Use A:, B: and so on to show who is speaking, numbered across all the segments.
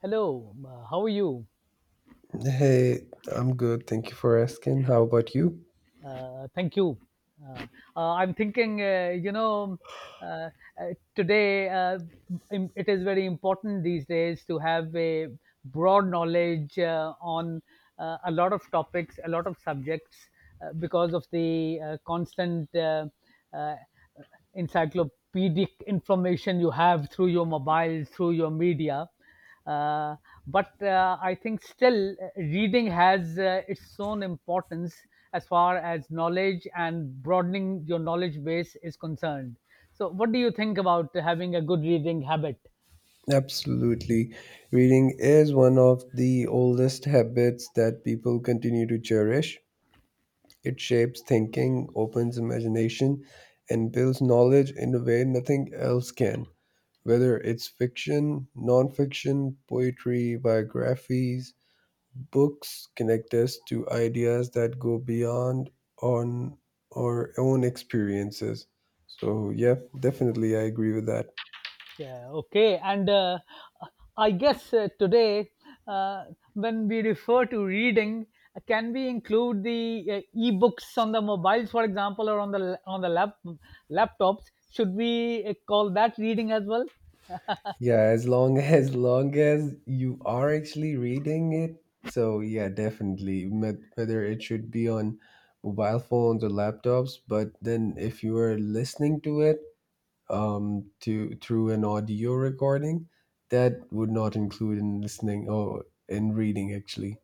A: Hello, how are you?
B: Hey, I'm good. Thank you for asking. How about you?
A: Thank you. Uh, I'm thinking, uh, today, it is very important these days to have a broad knowledge on a lot of topics, a lot of subjects, because of the constant uh, encyclopedic information you have through your mobile, through your media. Uh, but I think still reading has its own importance as far as knowledge and broadening your knowledge base is concerned. So, what do you think about having a good reading habit?
B: Absolutely. Reading is one of the oldest habits that people continue to cherish. It shapes thinking, opens imagination, and builds knowledge in a way nothing else can. Whether it's fiction, nonfiction, poetry, biographies, books connect us to ideas that go beyond on our own experiences. So yeah, definitely I agree with that.
A: Yeah, okay. And I guess today, uh, when we refer to reading, can we include the e-books on the mobiles, for example, or on the lap, laptops? Should we call that reading as well?
B: Yeah, as long as long as you are actually reading it, so yeah, definitely. Whether it should be on mobile phones or laptops, but then if you are listening to it to through an audio recording, that would not include in listening or in reading actually.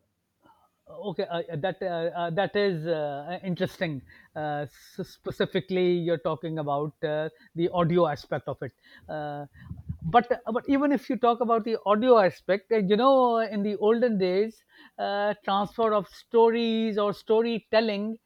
A: Okay that that is interesting, uh, so specifically you're talking about the audio aspect of it. uh, but even if you talk about the audio aspect, you know, in the olden days, transfer of stories or storytelling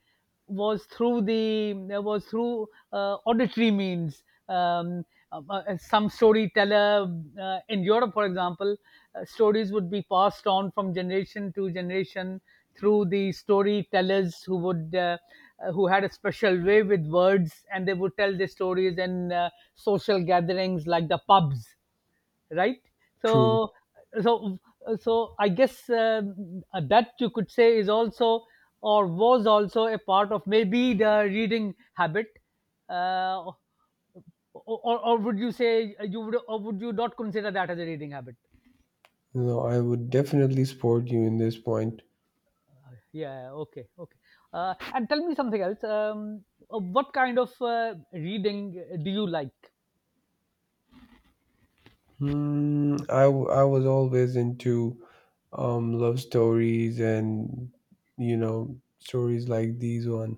A: was through was through auditory means. Um, some storyteller in Europe, for example, stories would be passed on from generation to generation through the storytellers who would who had a special way with words, and they would tell their stories in social gatherings like the pubs, right?
B: True.
A: So, so, so I guess that you could say is also, or was also, a part of maybe the reading habit, uh, or, or would you say, you would, or would you not consider that as a reading habit?
B: No, I would definitely support you in this point.
A: Yeah. Okay. Okay. And tell me something else. What kind of reading do you like?
B: Hmm, I was always into love stories and, stories like these one,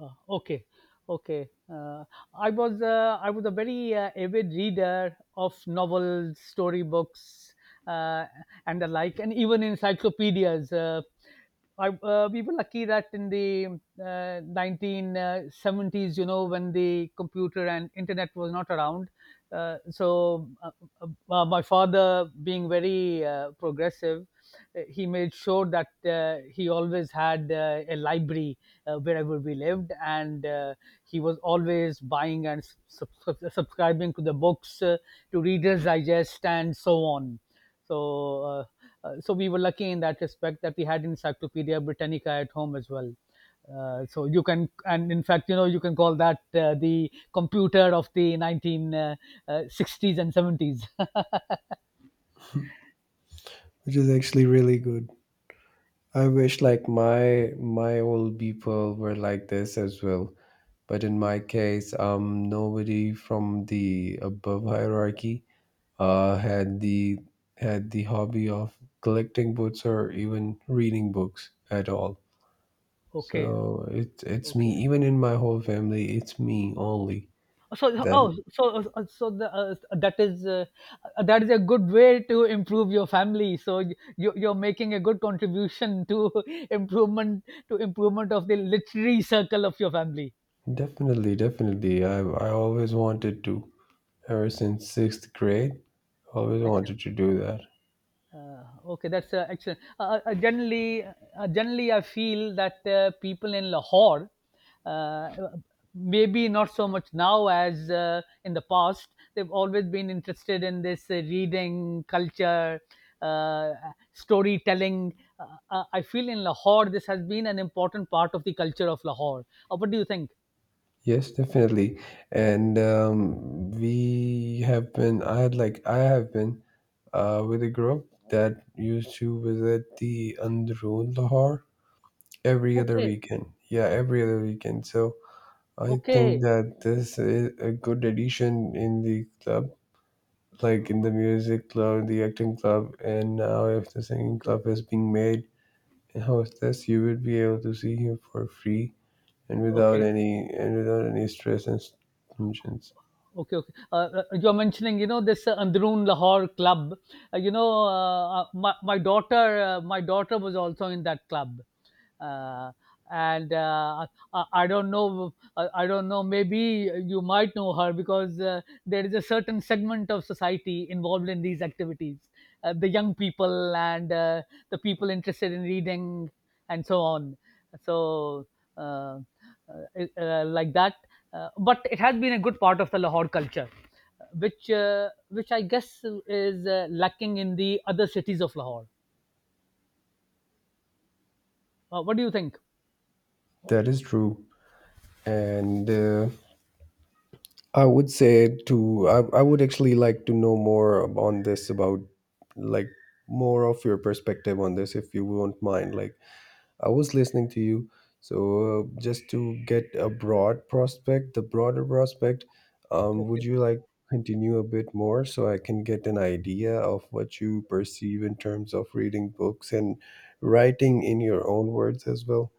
A: Uh, okay okay uh, I was a very avid reader of novels, storybooks, uh, and the like, and even encyclopedias. We were lucky that in the 1970s, you know, when the computer and internet was not around. Uh, so, uh, my father, being very progressive, he made sure that he always had a library wherever we lived, and he was always buying and subscribing to the books, to Reader's Digest, and so on. So, uh, so we were lucky in that respect that we had Encyclopedia Britannica at home as well. So you can, and in fact, you know, you can call that the computer of the 1960s uh, uh, and 70s.
B: which is actually really good. I wish like my old people were like this as well. But in my case, nobody from the above hierarchy uh, had the had the hobby of collecting books or even reading books at all.
A: Okay,
B: So it's
A: okay.
B: me. Even in my whole family, it's me only.
A: So oh,
B: Then
A: so so the, that is a good way to improve your family. So you you're making a good contribution to improvement of the literary circle of your family.
B: definitely, definitely, I always wanted to. Ever since sixth grade, always wanted
A: Excellent.
B: to do that.
A: Okay, that's excellent. Generally, I feel that people in Lahore, uh, maybe not so much now as in the past, they've always been interested in this reading culture, uh, storytelling. I feel in Lahore, this has been an important part of the culture of Lahore. What do you think?
B: Yes, definitely. And we have been. I had like I have been with a group that used to visit the Androon Lahore every other
A: Okay,
B: weekend. Yeah, every other weekend. So I think
A: okay,
B: that this is a good addition in the club like in the music club, the acting club, and now if the singing
A: okay,
B: club is being made in hostess, you would be able to see him for free and without
A: okay.
B: any and without any stress and tensions.
A: Okay, okay. You're mentioning, you know, this Androon Lahore club. My daughter, my daughter was also in that club, uh, and I don't know, I don't know. Maybe you might know her, because there is a certain segment of society involved in these activities, the young people and the people interested in reading and so on. So, uh, like that. But it has been a good part of the Lahore culture, which I guess is lacking in the other cities of Lahore. What do you think?
B: That is true, and I would actually like to know more on this about like more of your perspective on this if you won't mind like I was listening to you. So, just to get a broad prospect, the broader prospect, would you like continue a bit more so I can get an idea of what you perceive in terms of reading books and writing in your own words as well?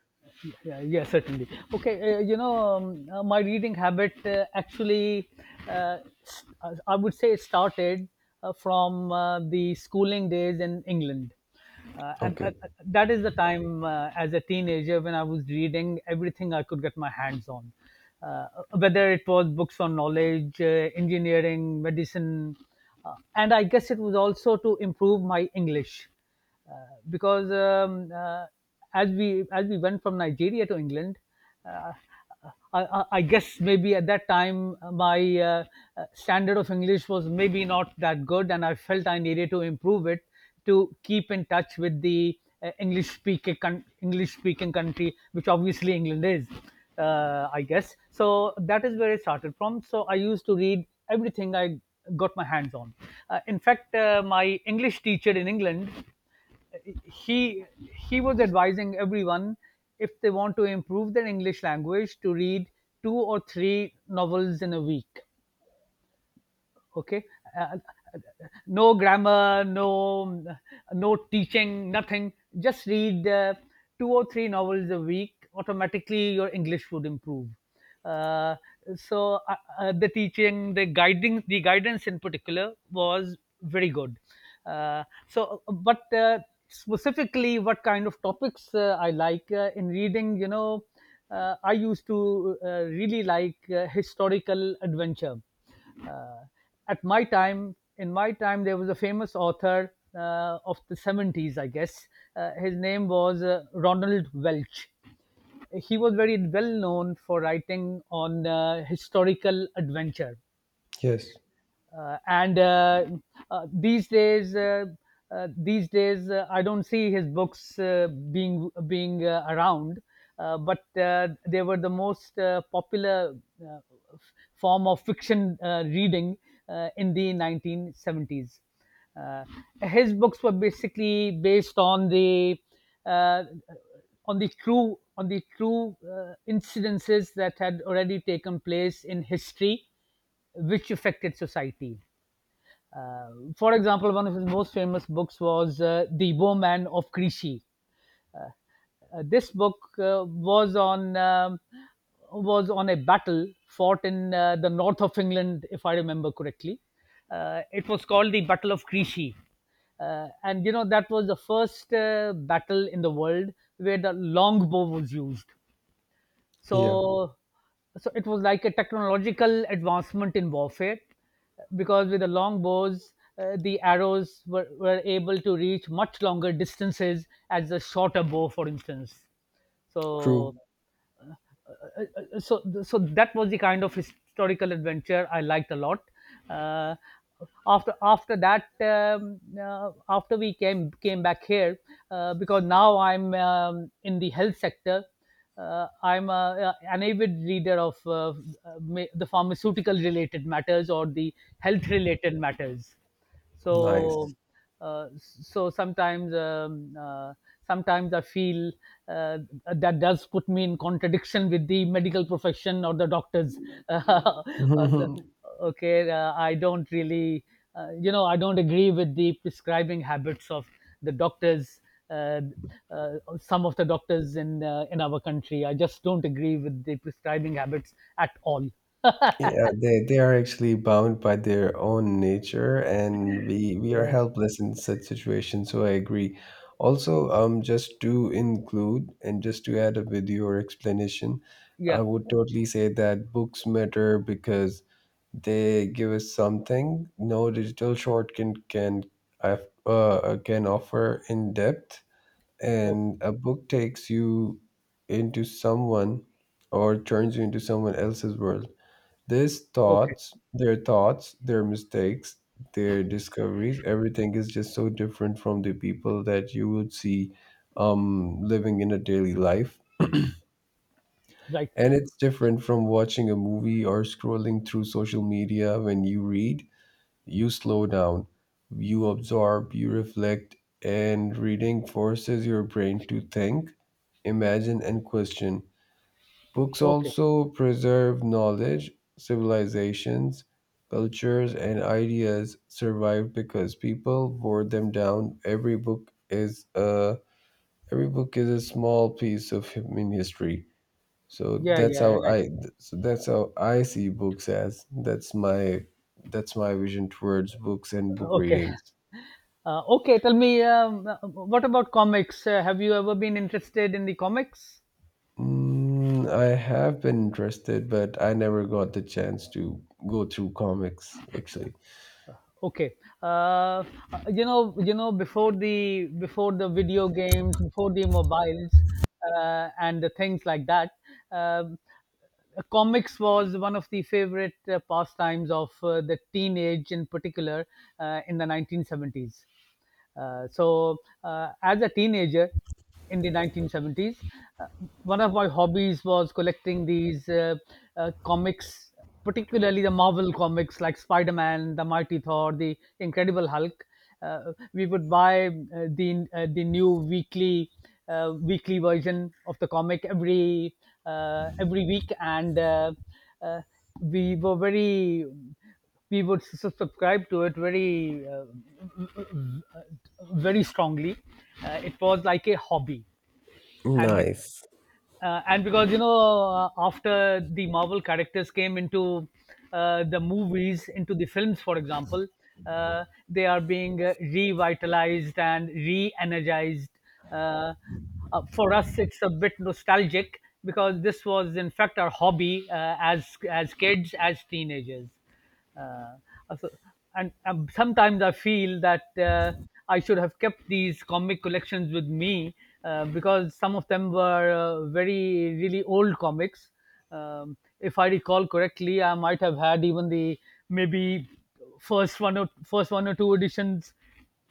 A: Yeah, yeah, certainly. Okay, my reading habit, actually, uh, I would say, it started from the schooling days in England. And
B: Okay.
A: That is the time, as a teenager, when I was reading everything I could get my hands on, uh, whether it was books on knowledge, engineering, medicine, and I guess it was also to improve my English, because as we went from Nigeria to England, uh, I guess maybe at that time my standard of English was maybe not that good, and I felt I needed to improve it to keep in touch with the English speaking English speaking country, which obviously England is, I guess. So that is where I started from. So I used to read everything I got my hands on. In fact, my English teacher in England, he he was advising everyone, if they want to improve their English language, to read two or three novels in a week. okay uh, uh, no grammar, no no teaching, nothing, just read two or three novels a week, automatically your English would improve. uh, the teaching, the guiding, the guidance in particular was very good. So but Specifically, what kind of topics I like in reading, you know, I used to really like historical adventure. uh, in my time, there was a famous author of the 70s, I guess. His name was Ronald Welch. He was very well known for writing on historical adventure,
B: Yes.
A: and uh, these days uh, these days I don't see his books being being around, but they were the most popular uh, f- form of fiction reading in the 1970s. uh, his books were basically based uh, on the true incidences that had already taken place in history, which affected society. Uh, for example, one of his most famous books was The Bowman of Crecy. This book was on a battle fought in the north of England, if I remember correctly. It was called the Battle of Crecy. And you know, that was the first battle in the world where the longbow was used,
B: Yeah.
A: so, so it was like a technological advancement in warfare, because with the long bows, the arrows were able to reach much longer distances as the shorter bow, for instance.
B: True.
A: So so that was the kind of historical adventure I liked a lot. Uh, after after that, after we came back here, because now I'm in the health sector. I'm a, an avid reader of the pharmaceutical related matters or the health related matters, so
B: Nice.
A: so sometimes I feel uh, that does put me in contradiction with the medical profession or the doctors. Uh, the- okay I don't really, you know, I don't agree with the prescribing habits of the doctors. uh, uh, some of the doctors in our country, I just don't agree with the prescribing habits at all.
B: Yeah, they are actually bound by their own nature, and we are
A: Yeah,
B: helpless in such situations. So I agree. Also, just to include and just to add a video or explanation, I
A: yeah,
B: would totally say that books matter because they give us something no digital short uh, can offer in depth,
A: okay,
B: and a book takes you into someone or turns you into someone else's world. These
A: okay,
B: thoughts, their mistakes, their discoveries, everything is just so different from the people that you would see living in a daily life.
A: right,
B: And it's different from watching a movie or scrolling through social media. When you read, you slow down, you absorb, you reflect, and reading forces your brain to think, imagine, and question. Books
A: okay.
B: also preserve knowledge, civilizations, cultures, and ideas survive because people wore them down. Every book is a small piece of human history. So
A: Yeah,
B: that's
A: yeah,
B: how
A: right.
B: I so that's how I see books as. That's my vision towards books and book
A: Okay.
B: readings.
A: Okay, tell me, what about comics? Have you ever been interested in the comics?
B: Mm, I have been interested, but I never got the chance to go through comics actually.
A: Okay. Uh, uh, Before the video games, before the mobiles, and the things like that, um, comics was one of the favorite pastimes of the teenage, in particular, in the 1970s. Uh, so, as a teenager in the 1970s, uh, one of my hobbies was collecting these comics, particularly the Marvel comics, like Spider Man, the Mighty Thor, the Incredible Hulk. We would buy the new weekly weekly version of the comic every week, and uh, we were very we would subscribe to it very very strongly. It was like a hobby, and be-
B: Nice.
A: and because you know, after the Marvel characters came into the movies, into the films, for example, they are being revitalized and re-energized. Uh, for us, it's a bit nostalgic, because this was in fact our hobby as kids, as teenagers. Uh, Also, and sometimes I feel that I should have kept these comic collections with me, because some of them were very, really old comics. If I recall correctly, I might have had even the maybe first one or two editions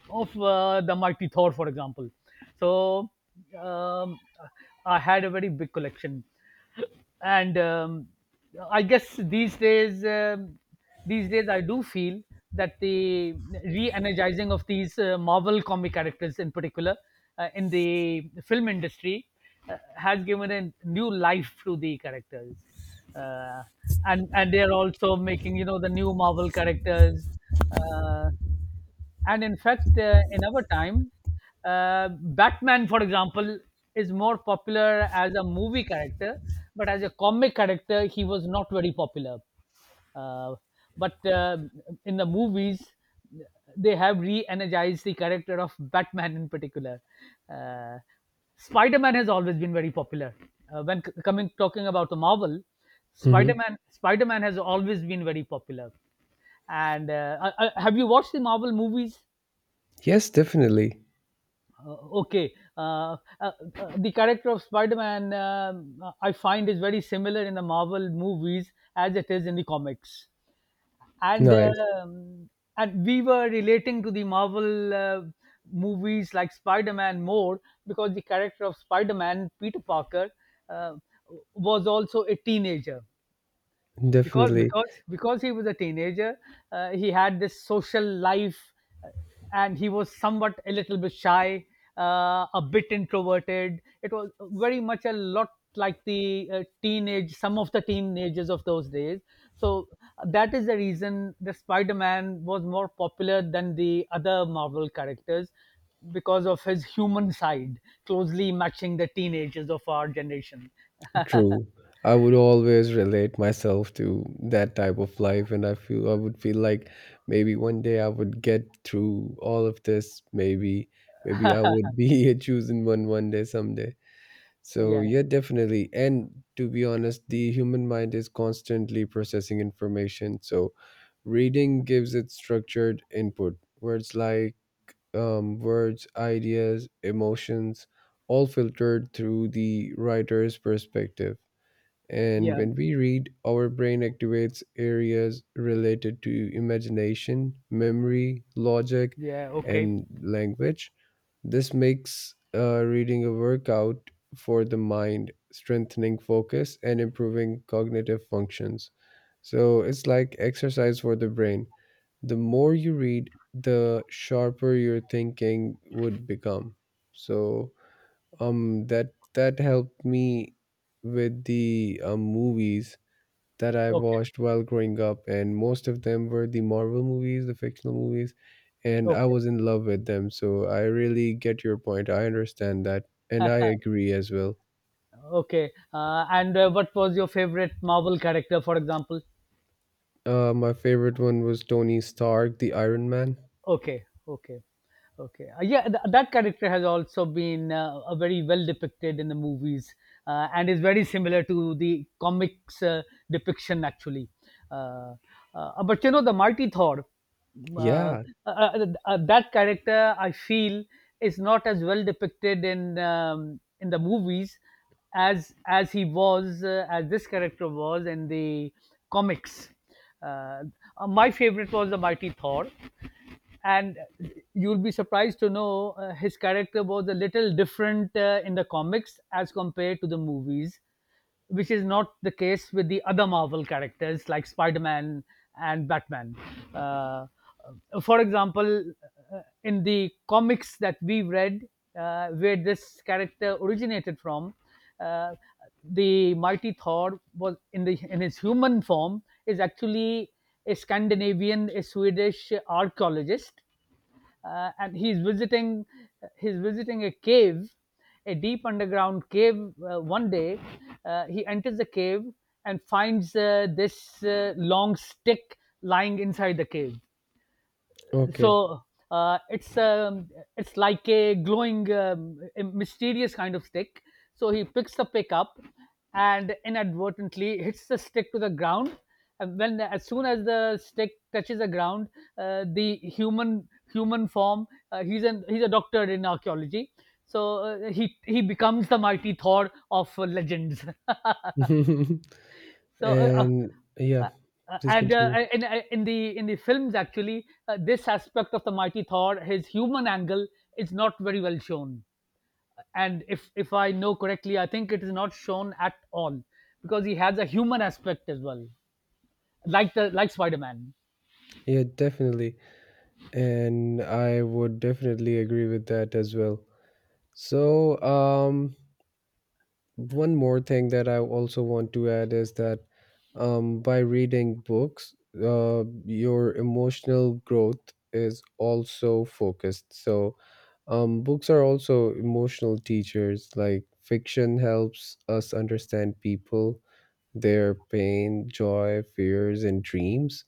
A: of the Mighty Thor, for example. So um, I had a very big collection and I guess these days I do feel that the re-energizing of these marvel comic characters in particular, in the film industry, has given a new life to the characters. Uh, and and they are also making the new marvel characters. Uh, and in fact, in our time, Batman, for example, is more popular as a movie character, but as a comic character, he was not very popular. Uh, but in the movies, they have re energized the character of Batman in particular. Uh, Spider Man has always been very popular. When c- coming talking about the Marvel, Spider
B: Mhm.
A: Man Spider Man has always been very popular. And have you watched the marvel movies?
B: Yes, definitely.
A: Uh, okay uh, uh, uh, the character of spider-man, I find, is very similar in the marvel movies as it is in the comics, and
B: Nice.
A: um, and we were relating to the marvel movies like spider-man more, because the character of spider-man, peter parker, uh, was also a teenager. because
B: Definitely
A: because because he was a teenager, he had this social life, uh, and he was somewhat a little bit shy, a bit introverted. It was very much a lot like the teenage some of the teenagers of those days. So that is the reason the spider-man was more popular than the other marvel characters, because of his human side closely matching the teenagers of our generation.
B: true. I would always relate myself to that type of life, and I feel I would feel like maybe one day I would get through all of this. Maybe, maybe I would be a chosen one one day someday. So
A: yeah
B: yeah, definitely. And to be honest, the human mind is constantly processing information. So reading gives it structured input. Words, ideas, emotions, all filtered through the writer's perspective. And
A: yeah
B: when we read, our brain activates areas related to imagination, memory, logic,
A: yeah. Okay
B: and language. This makes reading a workout for the mind, strengthening focus and improving cognitive functions. So it's like exercise for the brain. The more you read, the sharper your thinking would become. So that helped me with the movies that I
A: okay.
B: watched while growing up, and most of them were the Marvel movies, the fictional movies, and I
A: Okay,
B: was in love with them. So I really get your point. I understand that, and I agree as well.
A: okay. And what was your favorite Marvel character, for example?
B: My favorite one was Tony Stark, the Iron Man.
A: Okay, okay, okay. Yeah, that character has also been a very well depicted in the movies, and is very similar to the comics depiction, actually. Uh, but you know, the Marty Thor, uh, uh,
B: Yeah.
A: that character, I feel, is not as well depicted in, in the movies as he was, as this character was in the comics. Uh, my favorite was the Mighty Thor, and you'll be surprised to know, his character was a little different in the comics as compared to the movies, which is not the case with the other marvel characters like spider-man and batman, uh, for example. In the comics that we read, where this character originated from, uh, the mighty thor was in the, in his human form, is actually a Scandinavian, a Swedish archaeologist, and he's visiting a cave, a deep underground cave. One day, he enters the cave and finds, this, long stick lying inside the cave.
B: Okay.
A: So, it's, it's like a glowing, a mysterious kind of stick. So he picks the pick up and inadvertently hits the stick to the ground. And when as soon as the stick touches the ground, the human human form. He's an he's a doctor in archaeology. So, he becomes the mighty Thor of legends. So,
B: And yeah,
A: uh, uh,
B: please
A: and
B: continue.
A: in the films, actually, this aspect of the mighty Thor, his human angle, is not very well shown. And if I know correctly, I think it is not shown at all, because he has a human aspect as well, like the like Spider Man.
B: Yeah, definitely. And I would definitely agree with that as well. So, one more thing that I also want to add is that by reading books, your emotional growth is also focused. So, books are also emotional teachers. Like fiction helps us understand people, their pain, joy, fears, and dreams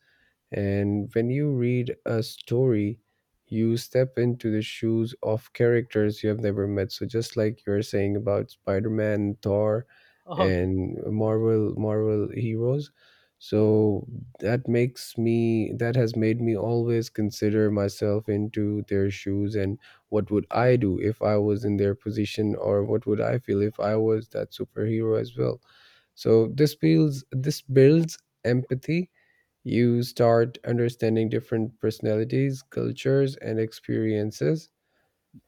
B: and when you read a story, you step into the shoes of characters you have never met. So just like you're saying about Spider-Man, Thor,
A: Okay,
B: and
A: yeah,
B: Marvel heroes. So that makes me that has made me always consider myself into their shoes and what would I do if I was in their position or what would I feel if I was that superhero as well. So this feels this builds empathy you start understanding different personalities, cultures, and experiences.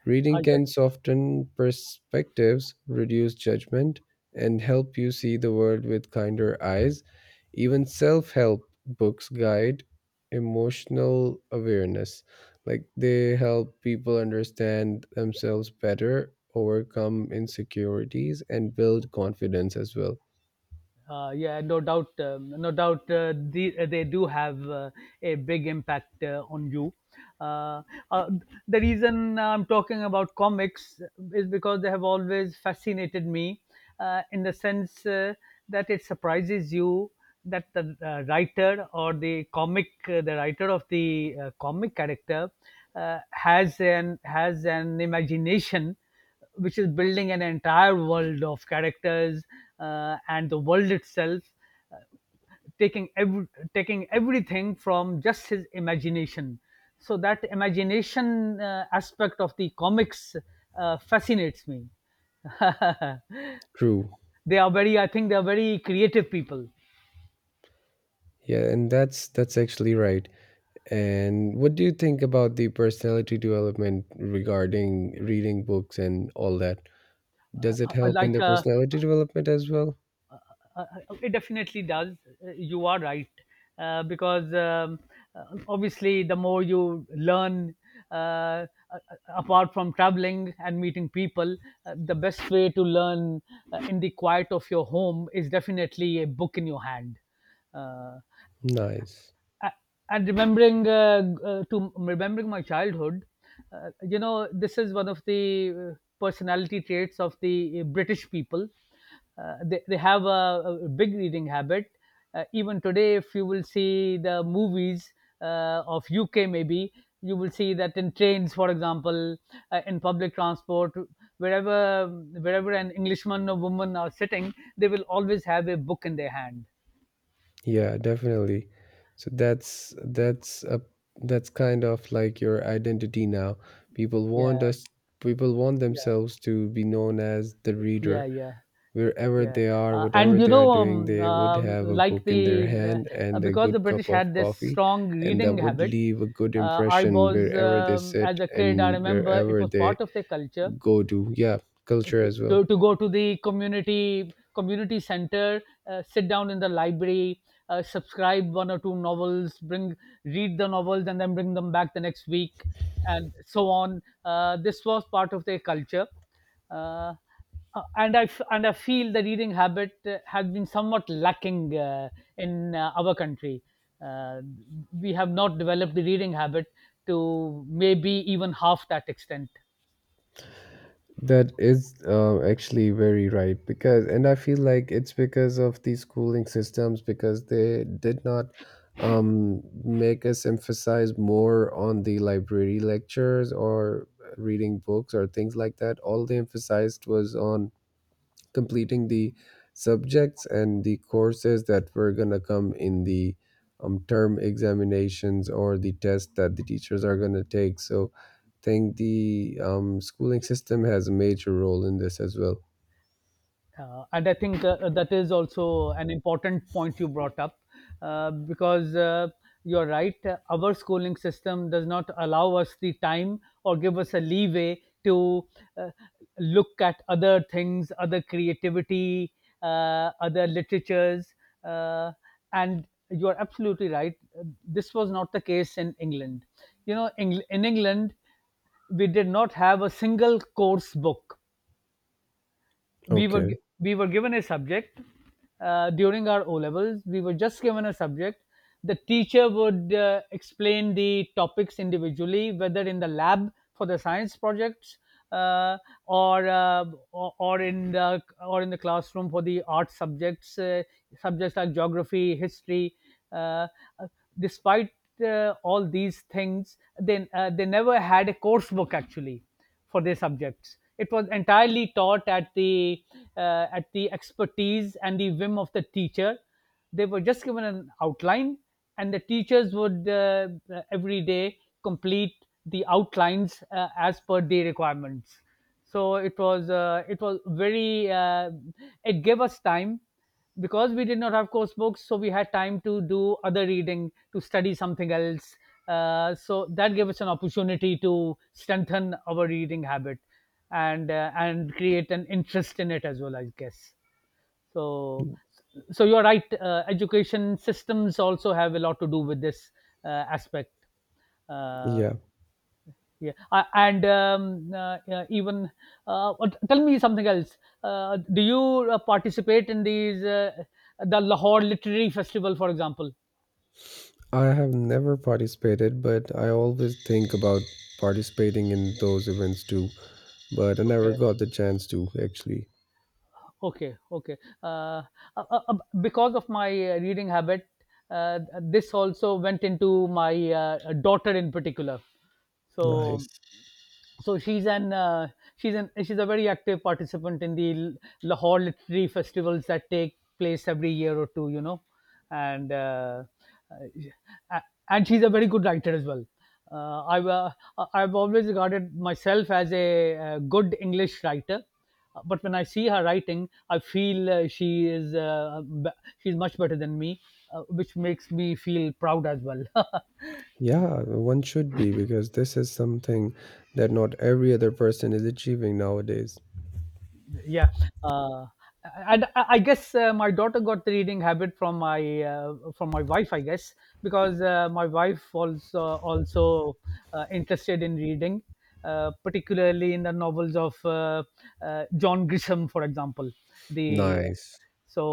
B: Reading
A: I guess.
B: can soften perspectives, reduce judgment, and help you see the world with kinder eyes. Even self help books guide emotional awareness. Like they help people understand themselves better, overcome insecurities, and build confidence as well.
A: Yeah, no doubt, they do have a big impact on you. Uh, uh, the reason I'm talking about comics is because they have always fascinated me, in the sense, that it surprises you, that the writer, or the comic, the writer of the comic character, has an imagination which is building an entire world of characters, and the world itself, taking ev- taking everything from just his imagination. So that imagination aspect of the comics fascinates me.
B: True.
A: they are very I think they are very creative people.
B: Yeah, and that's actually right. And what do you think about the personality development regarding reading books and all that? Does it help in
A: Like,
B: the personality development as well?
A: uh, it definitely does. You are right, because, obviously, the more you learn, uh, a- apart from traveling and meeting people, the best way to learn, in the quiet of your home, is definitely a book in your hand. Uh,
B: Nice.
A: a- and remembering g- to remembering my childhood, this is one of the uh, personality traits of the british people. They have a big reading habit. Even today, if you will see the movies of UK, maybe, you will see that in trains, for example, in public transport, wherever wherever an englishman or woman are sitting, they will always have a book in their hand.
B: Yeah, definitely. So that's kind of like your identity now. People
A: Yeah,
B: want us people want
A: yeah,
B: themselves to be known as the
A: yeah,
B: reader.
A: yeah.
B: Wherever
A: Yeah,
B: they are,
A: uh, and
B: whatever
A: you
B: they
A: know,
B: are
A: um,
B: doing, they would have a
A: like
B: book
A: the
B: in their hand and a
A: because the
B: good cup
A: British had
B: of
A: this
B: coffee,
A: strong
B: and that
A: reading
B: would
A: habit.
B: leave a good
A: I
B: impression
A: was,
B: wherever they sit
A: as a kid, I
B: and
A: remember, it
B: wherever
A: was
B: they
A: part of their culture,
B: go to. Yeah, culture as well.
A: to go to the community center, sit down in the library, subscribe one or two novels, bring, read the novels and then bring them back the next week, and so on. This was part of their culture. Uh, uh, and I f- and I feel the reading habit has been somewhat lacking in our country. Uh, we have not developed the reading habit to maybe even half that extent.
B: That is actually very right because, and I feel like it's because of these schooling systems because they did not make us emphasize more on the library lectures or reading books or things like that. All they emphasized was on completing the subjects and the courses that were going to come in the term examinations or the tests that the teachers are going to take. So I think the schooling system has a major role in this as well.
A: And I think that is also an important point you brought up, because, you're right. Our schooling system does not allow us the time or give us a leeway to, uh, look at other things, other creativity, other literatures. Uh, and you're absolutely right. This was not the case in England. In England, we did not have a single course book. we were
B: Okay.
A: gi- we were given a subject, during our O levels. We were just given a subject. The teacher would explain the topics individually, whether in the lab for the science projects, uh, or, or in the classroom for the art subjects, subjects like geography, history. Uh, uh, Despite all these things, then, they never had a course book actually for their subjects. It was entirely taught at the, at the expertise and the whim of the teacher. They were just given an outline, and the teachers would every day complete the outlines as per the requirements. So it was, it was very it gave us time, because we did not have course books, so we had time to do other reading, to study something else. So that gave us an opportunity to strengthen our reading habit, and create an interest in it as well, I guess. So you're right. Education systems also have a lot to do with this uh, aspect. Uh,
B: Yeah.
A: yeah, I, and yeah, even what- tell me something else. Do you participate in these, the Lahore Literary Festival, for example?
B: I have never participated, but I always think about participating in those events too. But I never
A: Okay,
B: got the chance to actually.
A: okay, okay. Uh, uh, uh, uh, because of my reading habit, this also went into my daughter in particular. So,
B: Nice.
A: so she's an uh, she's a very active participant in the Lahore literary festivals that take place every year or two, and uh, uh, and she's a very good writer as well. I've I've always regarded myself as a good English writer. But when I see her writing, I feel, she's much better than me, which makes me feel proud as well.
B: Yeah, one should be because this is something that not every other person is achieving nowadays.
A: Yeah. Uh, and i I guess, my daughter got the reading habit from my, from my wife, I guess, because, my wife also, also interested in reading, particularly in the novels of, john grisham, for example. The,
B: Nice.
A: so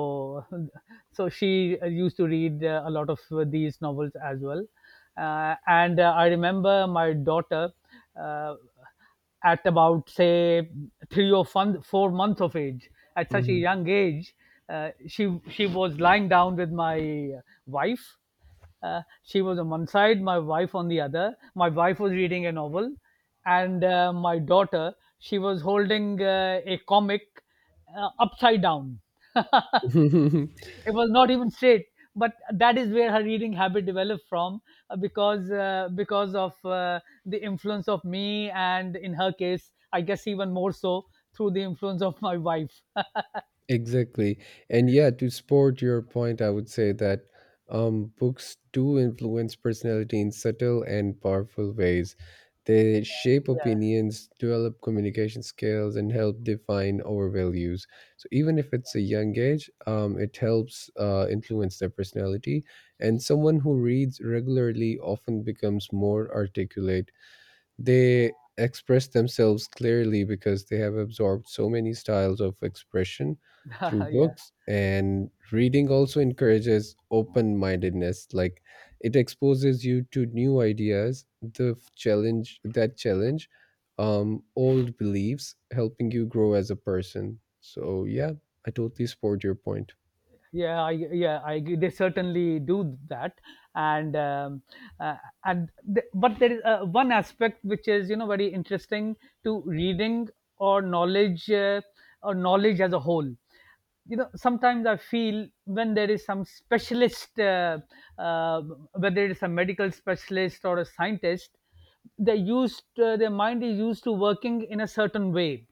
A: so she used to read a lot of these novels as well. And I remember my daughter, uh, at about, say, three or 4 months of age, at such a
B: Hmm.
A: young age. She was lying down with my wife. She was on one side, my wife on the other, my wife was reading a novel, and my daughter, she was holding, a comic, upside down. It was not even straight, but that is where her reading habit developed from, because of the influence of me, and in her case, I guess, even more so through the influence of my wife.
B: Exactly. And yeah, to support your point, I would say that books do influence personality in subtle and powerful ways. They shape opinions, develop communication skills, and help define our values. So even if it's a young age, it helps influence their personality. And someone who reads regularly often becomes more articulate. They express themselves clearly because they have absorbed so many styles of expression through
A: Yeah. Yeah,
B: books. And reading also encourages open mindedness, like it exposes you to new ideas, the f- challenge that challenge old beliefs, helping you grow as a person. So, yeah, I totally support your point.
A: yeah. I agree. They certainly do that. And um, uh, and the, but there is one aspect which is, you know, very interesting, to reading, or knowledge, or knowledge as a whole. You know, sometimes I feel, when there is some specialist, uh, whether it is a medical specialist or a scientist, they used their mind is used to working in a certain way,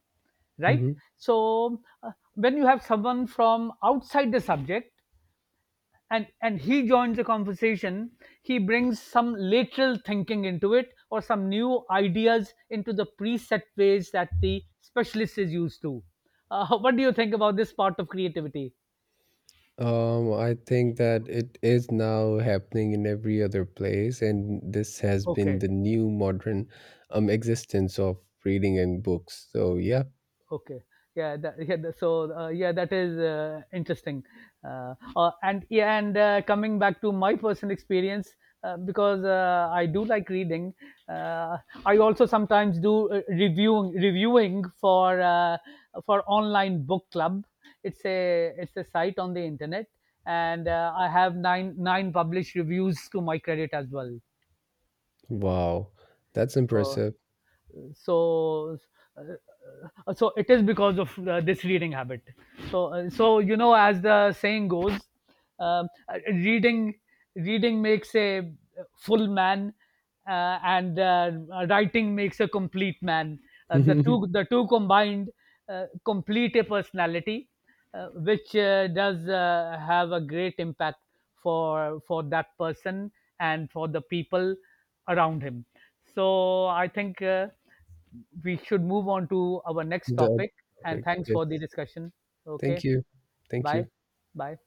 A: right?
B: Mhm.
A: So, when you have someone from outside the subject, and he joins the conversation, he brings some lateral thinking into it, or some new ideas into the preset ways that the specialist is used to. What do you think about this part of creativity?
B: I think that it is now happening in every other place, and this has been
A: Okay.
B: the new modern existence of reading and books. So yeah,
A: Okay. Yeah. So, yeah, that is interesting. And coming back to my personal experience, because, I do like reading, uh, I also sometimes do, reviewing for, online book club. It's a site on the internet, and I have nine published reviews to my credit as well.
B: wow, that's
A: So,
B: impressive.
A: so it is because of this reading habit. So, you know, as the saying goes, um, uh, reading reading makes a full man, and writing makes a complete man. The two the two combined complete a personality, which does have a great impact for that person, and for the people around him. So I think, we should move on to our next
B: The
A: topic. And
B: topic,
A: thanks
B: yes.
A: for the discussion.
B: Thank
A: Okay.
B: you, thank
A: Bye.
B: you.
A: Bye.